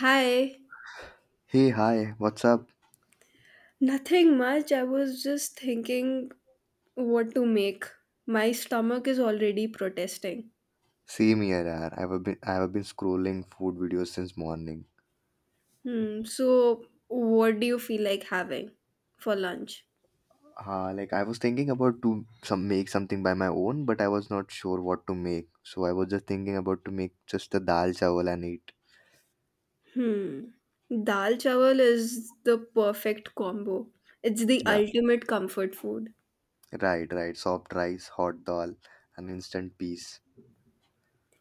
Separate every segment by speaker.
Speaker 1: Hi,
Speaker 2: Hey, hi, what's up?
Speaker 1: nothing much. I was just thinking what to make. My stomach is already protesting.
Speaker 2: Same here, yaar. I've been scrolling food videos since morning.
Speaker 1: Hmm, so what do you feel like having for lunch?
Speaker 2: Like I was thinking about to some make something by my own, but I was not sure what to make. So I was just thinking about to make just the dal chawal and eat.
Speaker 1: Hmm. Dal chawal is the perfect combo. It's the
Speaker 2: Yeah,
Speaker 1: ultimate comfort food.
Speaker 2: right, right. Soft rice, hot dal, and instant peas.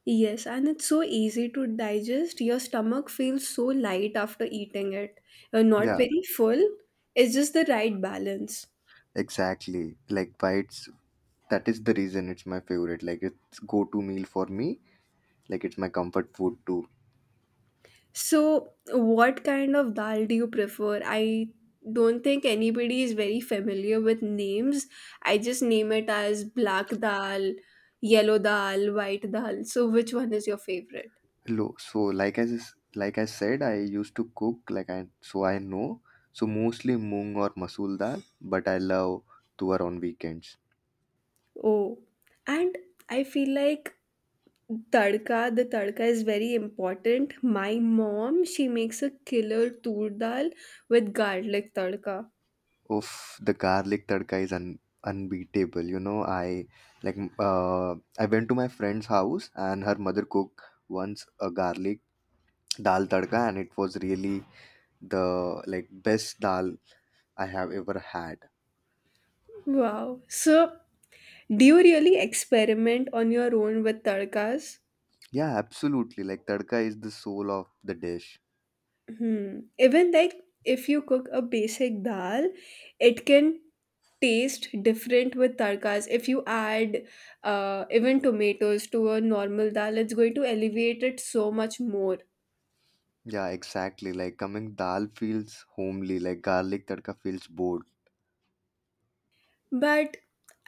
Speaker 1: Yes, and it's so easy to digest. Your stomach feels so light after eating it. You're not
Speaker 2: Yeah,
Speaker 1: very full. It's just the right balance.
Speaker 2: exactly. Like why it's That is the reason it's my favorite. Like it's go-to meal for me. Like it's my comfort food too.
Speaker 1: So, what kind of dal do you prefer? I don't think anybody is very familiar with names. I just name it as black dal, yellow dal, white dal. So, which one is your favorite?
Speaker 2: Lo- so like I s- like I said, I used to cook I know. So mostly moong or masool dal, but I love tuwar on weekends.
Speaker 1: Oh, and I feel like tadka, the tadka is very important. My mom, she makes a killer tur dal with garlic tadka.
Speaker 2: Oof, the garlic tadka is unbeatable. You know, like uh, I went to my friend's house and her mother cooked once a garlic dal tadka, and it was really the like best dal I have ever had.
Speaker 1: Wow. So, do you really experiment on your own with tadkas?
Speaker 2: Yeah, absolutely. Like tadka is the soul of the dish.
Speaker 1: Hmm. Even like if you cook a basic dal, it can taste different with tarkas. If you add even tomatoes to a normal dal, it's going to elevate it so much more.
Speaker 2: Yeah, exactly. Like coming dal feels homely, like garlic tadka feels bored.
Speaker 1: But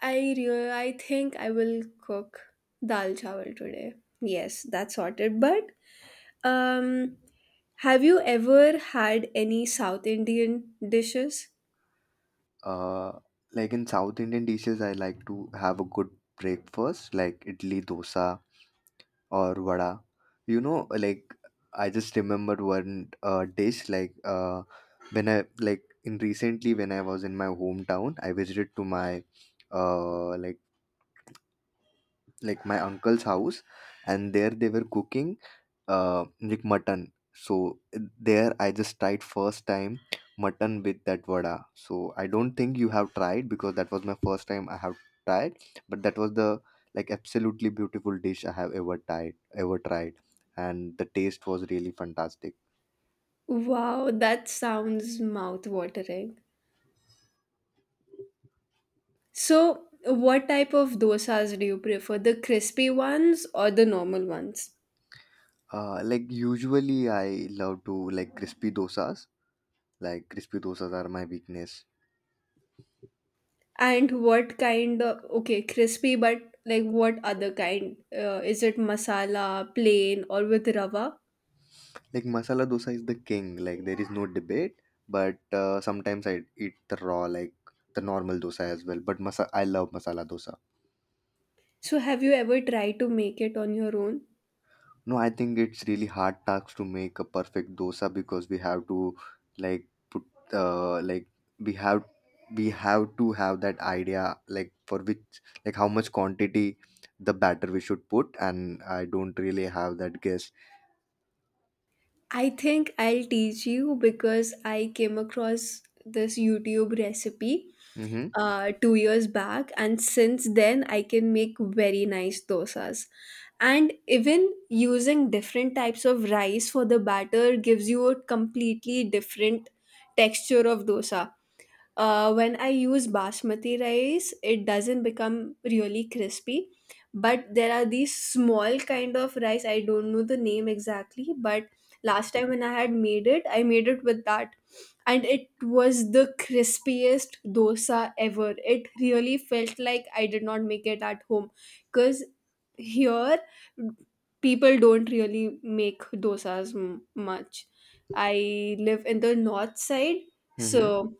Speaker 1: I think I will cook dal chawal today. Yes, that's sorted. But um, have you ever had any South Indian dishes?
Speaker 2: Uh, like in South Indian dishes, I like to have a good breakfast, like idli dosa or vada. You know, I just remembered one dish, when I in recently when I was in my hometown, I visited to my uh like my uncle's house, and there they were cooking like mutton. So there I just tried first time mutton with that vada. So I don't think you have tried because that was my first time I have tried, but that was the absolutely beautiful dish I have ever tried, and the taste was really fantastic.
Speaker 1: Wow, that sounds mouth watering. So, what type of dosas do you prefer? The crispy ones or the normal ones?
Speaker 2: Like usually I love to like crispy dosas. Like crispy dosas are my weakness.
Speaker 1: And what kind of, okay, crispy, but like what other kind? Is it masala, plain, or with rava?
Speaker 2: Like masala dosa is the king. Like there is no debate. But sometimes I eat the raw, like the normal dosa as well. But I love masala dosa.
Speaker 1: So, have you ever tried to make it on your own?
Speaker 2: No, I think it's really hard task to make a perfect dosa because we have to put uh, like we have we have to have that idea like for which like how much quantity the batter we should put and I don't really have that guess.
Speaker 1: I think I'll teach you because I came across this YouTube recipe
Speaker 2: Mm-hmm.
Speaker 1: 2 years back, and since then I can make very nice dosas. And even using different types of rice for the batter gives you a completely different texture of dosa. When I use basmati rice, it doesn't become really crispy. But there are these small kind of rice. I don't know the name exactly, but last time when I had made it, I made it with that, and it was the crispiest dosa ever. It really felt like I did not make it at home, because here people don't really make much. I live in the north side,
Speaker 2: Mm-hmm.
Speaker 1: so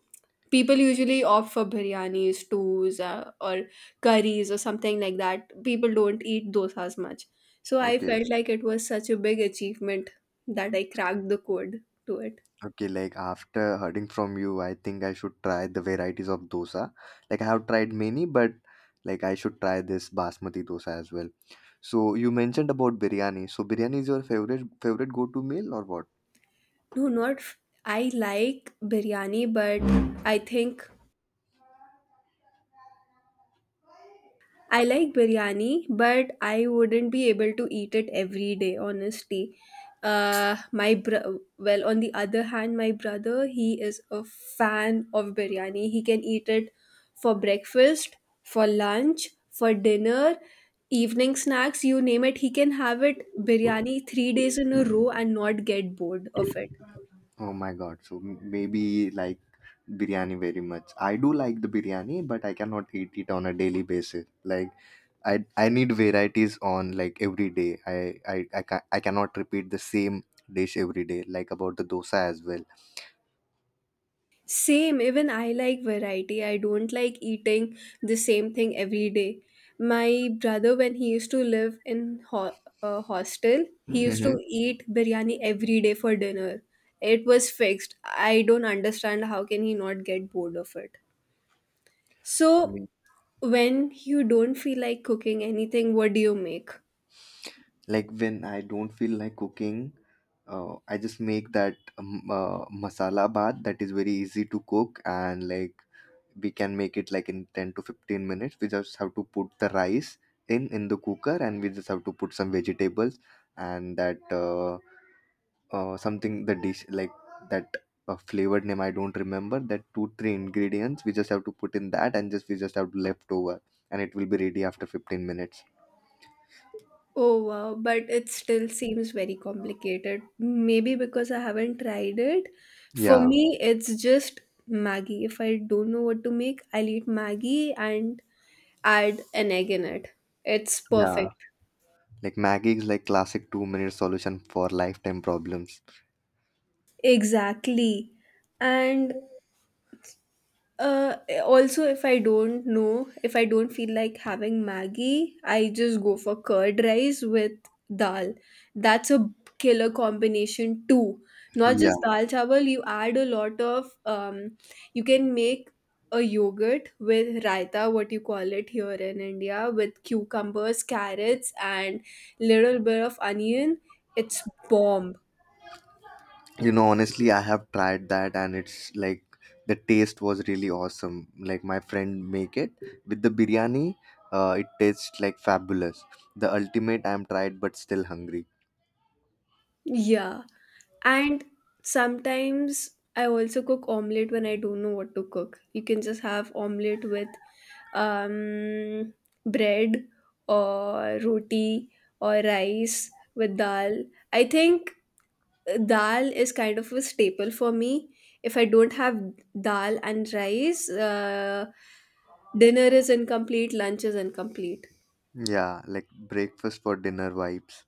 Speaker 1: people usually opt for biryani, stews, or curries, or something like that. People don't eat dosas much. So I
Speaker 2: Okay.
Speaker 1: felt like it was such a big achievement that I cracked the code to it.
Speaker 2: Okay, like after hearing from you, I think I should try the varieties of dosa. Like I have tried many, but like I should try this basmati dosa as well. So you mentioned about biryani. So biryani is your favorite go-to meal or what?
Speaker 1: No, not f- I like biryani, but I think I like biryani, but I wouldn't be able to eat it every day, honestly. Well, on the other hand, my brother, he is a fan of biryani. He can eat it for breakfast, for lunch, for dinner, evening snacks, you name it. He can have it biryani 3 days in a row and not get bored of it.
Speaker 2: Oh my God. So maybe like biryani very much. I do like the biryani, but I cannot eat it on a daily basis. Like I need varieties on like every day. I cannot repeat the same dish every day like about the dosa as well.
Speaker 1: Same, even I like variety. I don't like eating the same thing every day. My brother, when he used to live in a hostel, he used
Speaker 2: Mm-hmm.
Speaker 1: to eat biryani every day for dinner. It was fixed. I don't understand how can he not get bored of it. So, when you don't feel like cooking anything, what do you make?
Speaker 2: Like when I don't feel like cooking, I just make that masala bath that is very easy to cook and like we can make it like in 10 to 15 minutes. We just have to put the rice in the cooker and we just have to put some vegetables and that something the dish like that flavored name I don't remember that 2 3 ingredients we just have to put in that and just we just have leftover and it will be ready after 15 minutes.
Speaker 1: Oh wow, but it still seems very complicated. Maybe because I haven't tried it. For
Speaker 2: Yeah,
Speaker 1: me, it's just Maggie. If I don't know what to make, I'll eat Maggie and add an egg in it. It's
Speaker 2: yeah.
Speaker 1: perfect.
Speaker 2: Like Maggie is like classic 2 minute solution for lifetime problems.
Speaker 1: Exactly. And Uh, Also, if I don't know, if I don't feel like having Maggie, I just go for curd rice with dal. That's a killer combination too. Not
Speaker 2: Yeah.
Speaker 1: just dal chawal, you add a lot of you can make a yogurt with raita, what you call it here in India, with cucumbers, carrots, and little bit of onion. It's bomb.
Speaker 2: You know, honestly, I have tried that and it's like the taste was really awesome. Like my friend make it with the biryani. It tastes like fabulous. The ultimate I'm tried but still hungry.
Speaker 1: Yeah. And sometimes I also cook omelette when I don't know what to cook. You can just have omelette with um, bread or roti or rice with dal. I think dal is kind of a staple for me. If I don't have dal and rice, dinner is incomplete, lunch is incomplete.
Speaker 2: Yeah, like breakfast for dinner vibes.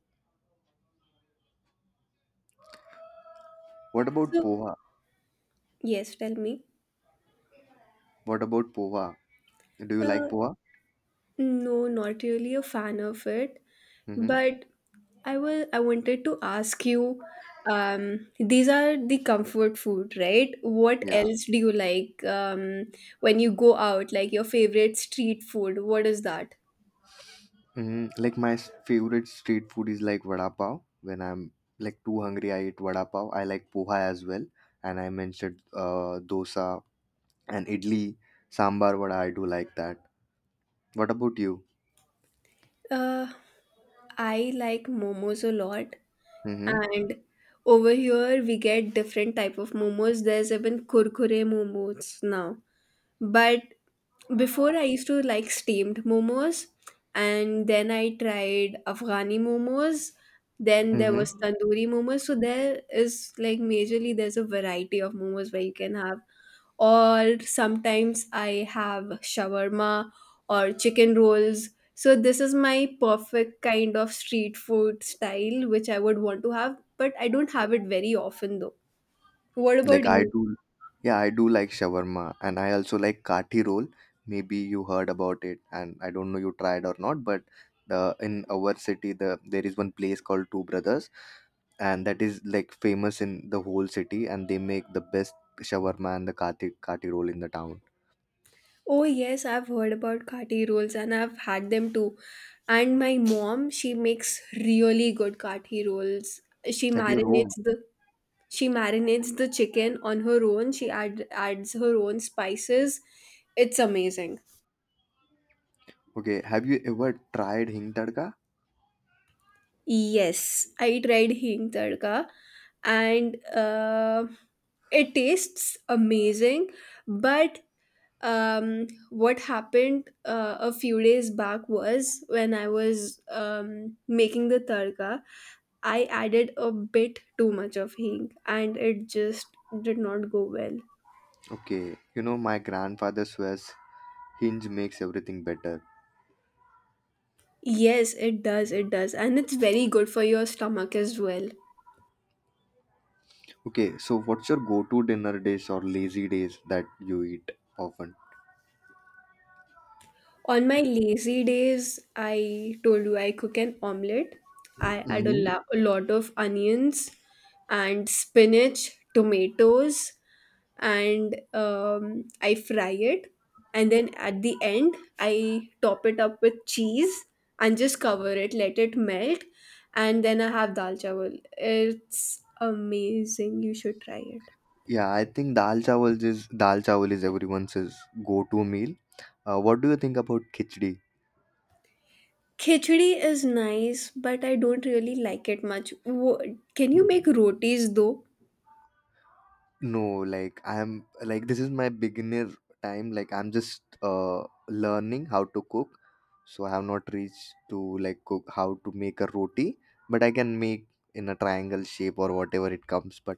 Speaker 2: What about
Speaker 1: So,
Speaker 2: poha?
Speaker 1: yes, tell me.
Speaker 2: What about poha? Do you
Speaker 1: Uh,
Speaker 2: like poha?
Speaker 1: no, not really a fan of it.
Speaker 2: Mm-hmm.
Speaker 1: But I wanted to ask you, these are the comfort food, right? What
Speaker 2: Yeah.
Speaker 1: else do you like when you go out? Like your favorite street food, what is that?
Speaker 2: Mm, like my favorite street food is like vada pav. When I'm like too hungry, I eat vada pav. I like poha as well, and I mentioned dosa and idli, sambar vada. I do like that. What about you?
Speaker 1: Uh, I like momos a lot,
Speaker 2: Mm-hmm.
Speaker 1: and over here we get different type of momos. There's even kurkure momos now, but before I used to like steamed momos, and then I tried Afghani momos. Then there was
Speaker 2: Mm-hmm.
Speaker 1: tandoori momos. So there is like majorly there's a variety of momos where you can have. Or sometimes I have shawarma or chicken rolls. So this is my perfect kind of street food style which I would want to have, but I don't have it very often though. What
Speaker 2: Like
Speaker 1: about
Speaker 2: I
Speaker 1: you?
Speaker 2: do, yeah, I do like shawarma, and I also like kathi roll. Maybe you heard about it, and I don't know you tried or not, but the in our city, there is one place called Two Brothers, and that is like famous in the whole city, and they make the best shawarma and the kathi roll in the town.
Speaker 1: Oh, yes, I've heard about kati rolls and I've had them too. And my mom, she makes really good kati rolls. She
Speaker 2: At your home,
Speaker 1: marinates the she marinates the chicken on her own. She adds her own spices. It's amazing.
Speaker 2: okay? Have you ever tried hing tadka?
Speaker 1: Yes, I tried hing tadka and it tastes amazing, but what happened a few days back was when I was making the tarka, I added a bit too much of hing and it just did not go well.
Speaker 2: Okay, you know my grandfather swears hinge makes everything better.
Speaker 1: Yes, it does, it does. And it's very good for your stomach as well.
Speaker 2: Okay, so what's your go-to dinner days or lazy days that you eat often?
Speaker 1: On my lazy days, I told you I cook an omelette. I add
Speaker 2: Hmm.
Speaker 1: a lot of onions and spinach, tomatoes, and I fry it. And then at the end, I top it up with cheese and just cover it, let it melt. And then I have dal chawal. It's amazing. You should try it.
Speaker 2: Yeah, I think dal chawal is everyone's is go-to meal. What do you think about khichdi?
Speaker 1: Khichdi is nice, but I don't really like it much. Wo- can you make rotis though?
Speaker 2: No, like I'm like this is my beginner time. Like I'm just learning how to cook, so I have not reached to like cook how to make a roti, but I can make in a triangle shape or whatever it comes. But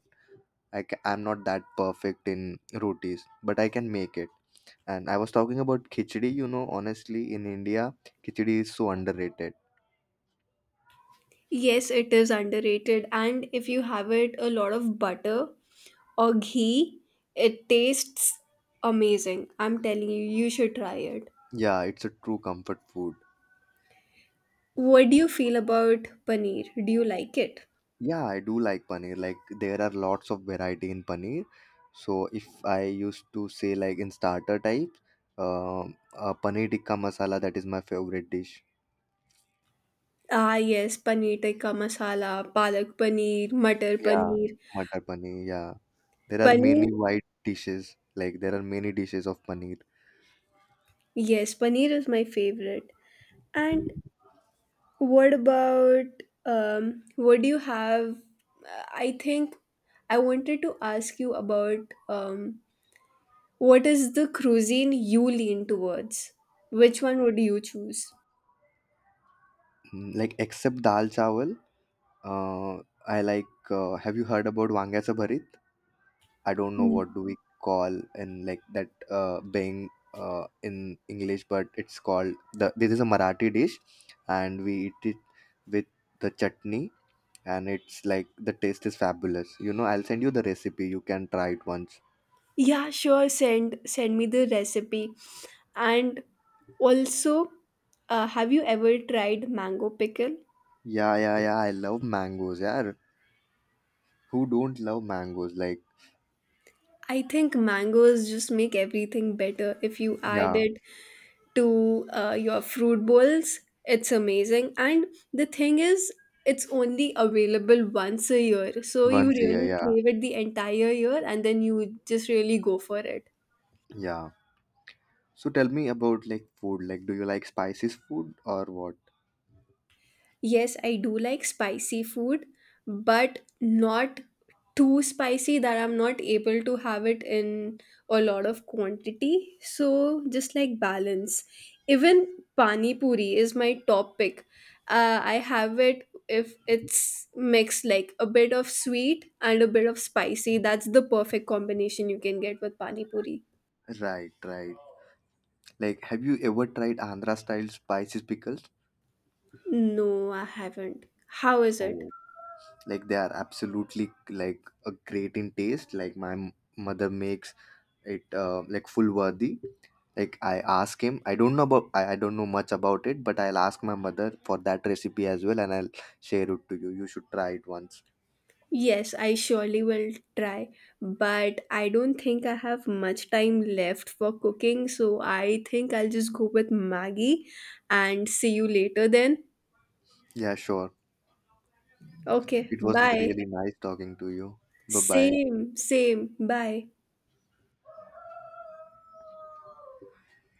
Speaker 2: I'm not that perfect in rotis, but I can make it. And I was talking about khichdi, you know, honestly, in India, khichdi is so underrated.
Speaker 1: Yes, it is underrated. And if you have it a lot of butter or ghee, it tastes amazing. I'm telling you, you should try it.
Speaker 2: Yeah, it's a true comfort food.
Speaker 1: What do you feel about paneer? Do you like it?
Speaker 2: Yeah, I do like paneer. Like there are lots of variety in paneer. So if I used to say like in starter type, paneer tikka masala that is my favorite dish.
Speaker 1: Ah, yes, paneer tikka masala, palak paneer, matar
Speaker 2: Yeah,
Speaker 1: paneer.
Speaker 2: matar paneer. Yeah, there are
Speaker 1: Paneer,
Speaker 2: many wide dishes. Like there are many dishes of paneer.
Speaker 1: yes, paneer is my favorite. And what about what do you have? I think I wanted to ask you about what is the cuisine you lean towards? Which one would you choose?
Speaker 2: Mm, like except dal chawal. Uh, I like. Have you heard about Vangyasa Bharit? I don't know
Speaker 1: Hmm.
Speaker 2: what do we call in like that being in English, but it's called the. This is a Marathi dish, and we eat it with the chutney, and it's like the taste is fabulous. You know, I'll send you the recipe. You can try it once.
Speaker 1: Yeah, sure. Send me the recipe. And also, have you ever tried mango pickle?
Speaker 2: Yeah, yeah, yeah. I love mangoes. Yeah, who don't love mangoes? Like,
Speaker 1: I think mangoes just make everything better. If you add
Speaker 2: yeah,
Speaker 1: it to your fruit bowls, it's amazing. And the thing is, it's only available once a year, so you
Speaker 2: once a year.
Speaker 1: really
Speaker 2: Yeah,
Speaker 1: crave it the entire year, and then you just really go for it.
Speaker 2: yeah. So tell me about like food. Like, do you like spices food or what?
Speaker 1: Yes, I do like spicy food, but not too spicy that I'm not able to have it in a lot of quantity. So just like balance. Even pani puri is my top pick. I have it if it's mixed like a bit of sweet and a bit of spicy. That's the perfect combination you can get with pani puri.
Speaker 2: Right, right. Like, have you ever tried Andhra style spicy pickles?
Speaker 1: No, I haven't. How is it?
Speaker 2: Oh, like, they are absolutely like a great in taste. Like, my mother makes it like full worthy. Like, I ask him. I don't know about. I don't know much about it, but I'll ask my mother for that recipe as well, and I'll share it to you. You should try it once.
Speaker 1: Yes, I surely will try, but I don't think I have much time left for cooking, so I think I'll just go with Maggie and see you later then.
Speaker 2: Yeah, sure.
Speaker 1: Okay,
Speaker 2: It was
Speaker 1: bye.
Speaker 2: really nice talking to you. Bye bye.
Speaker 1: Same, same, bye.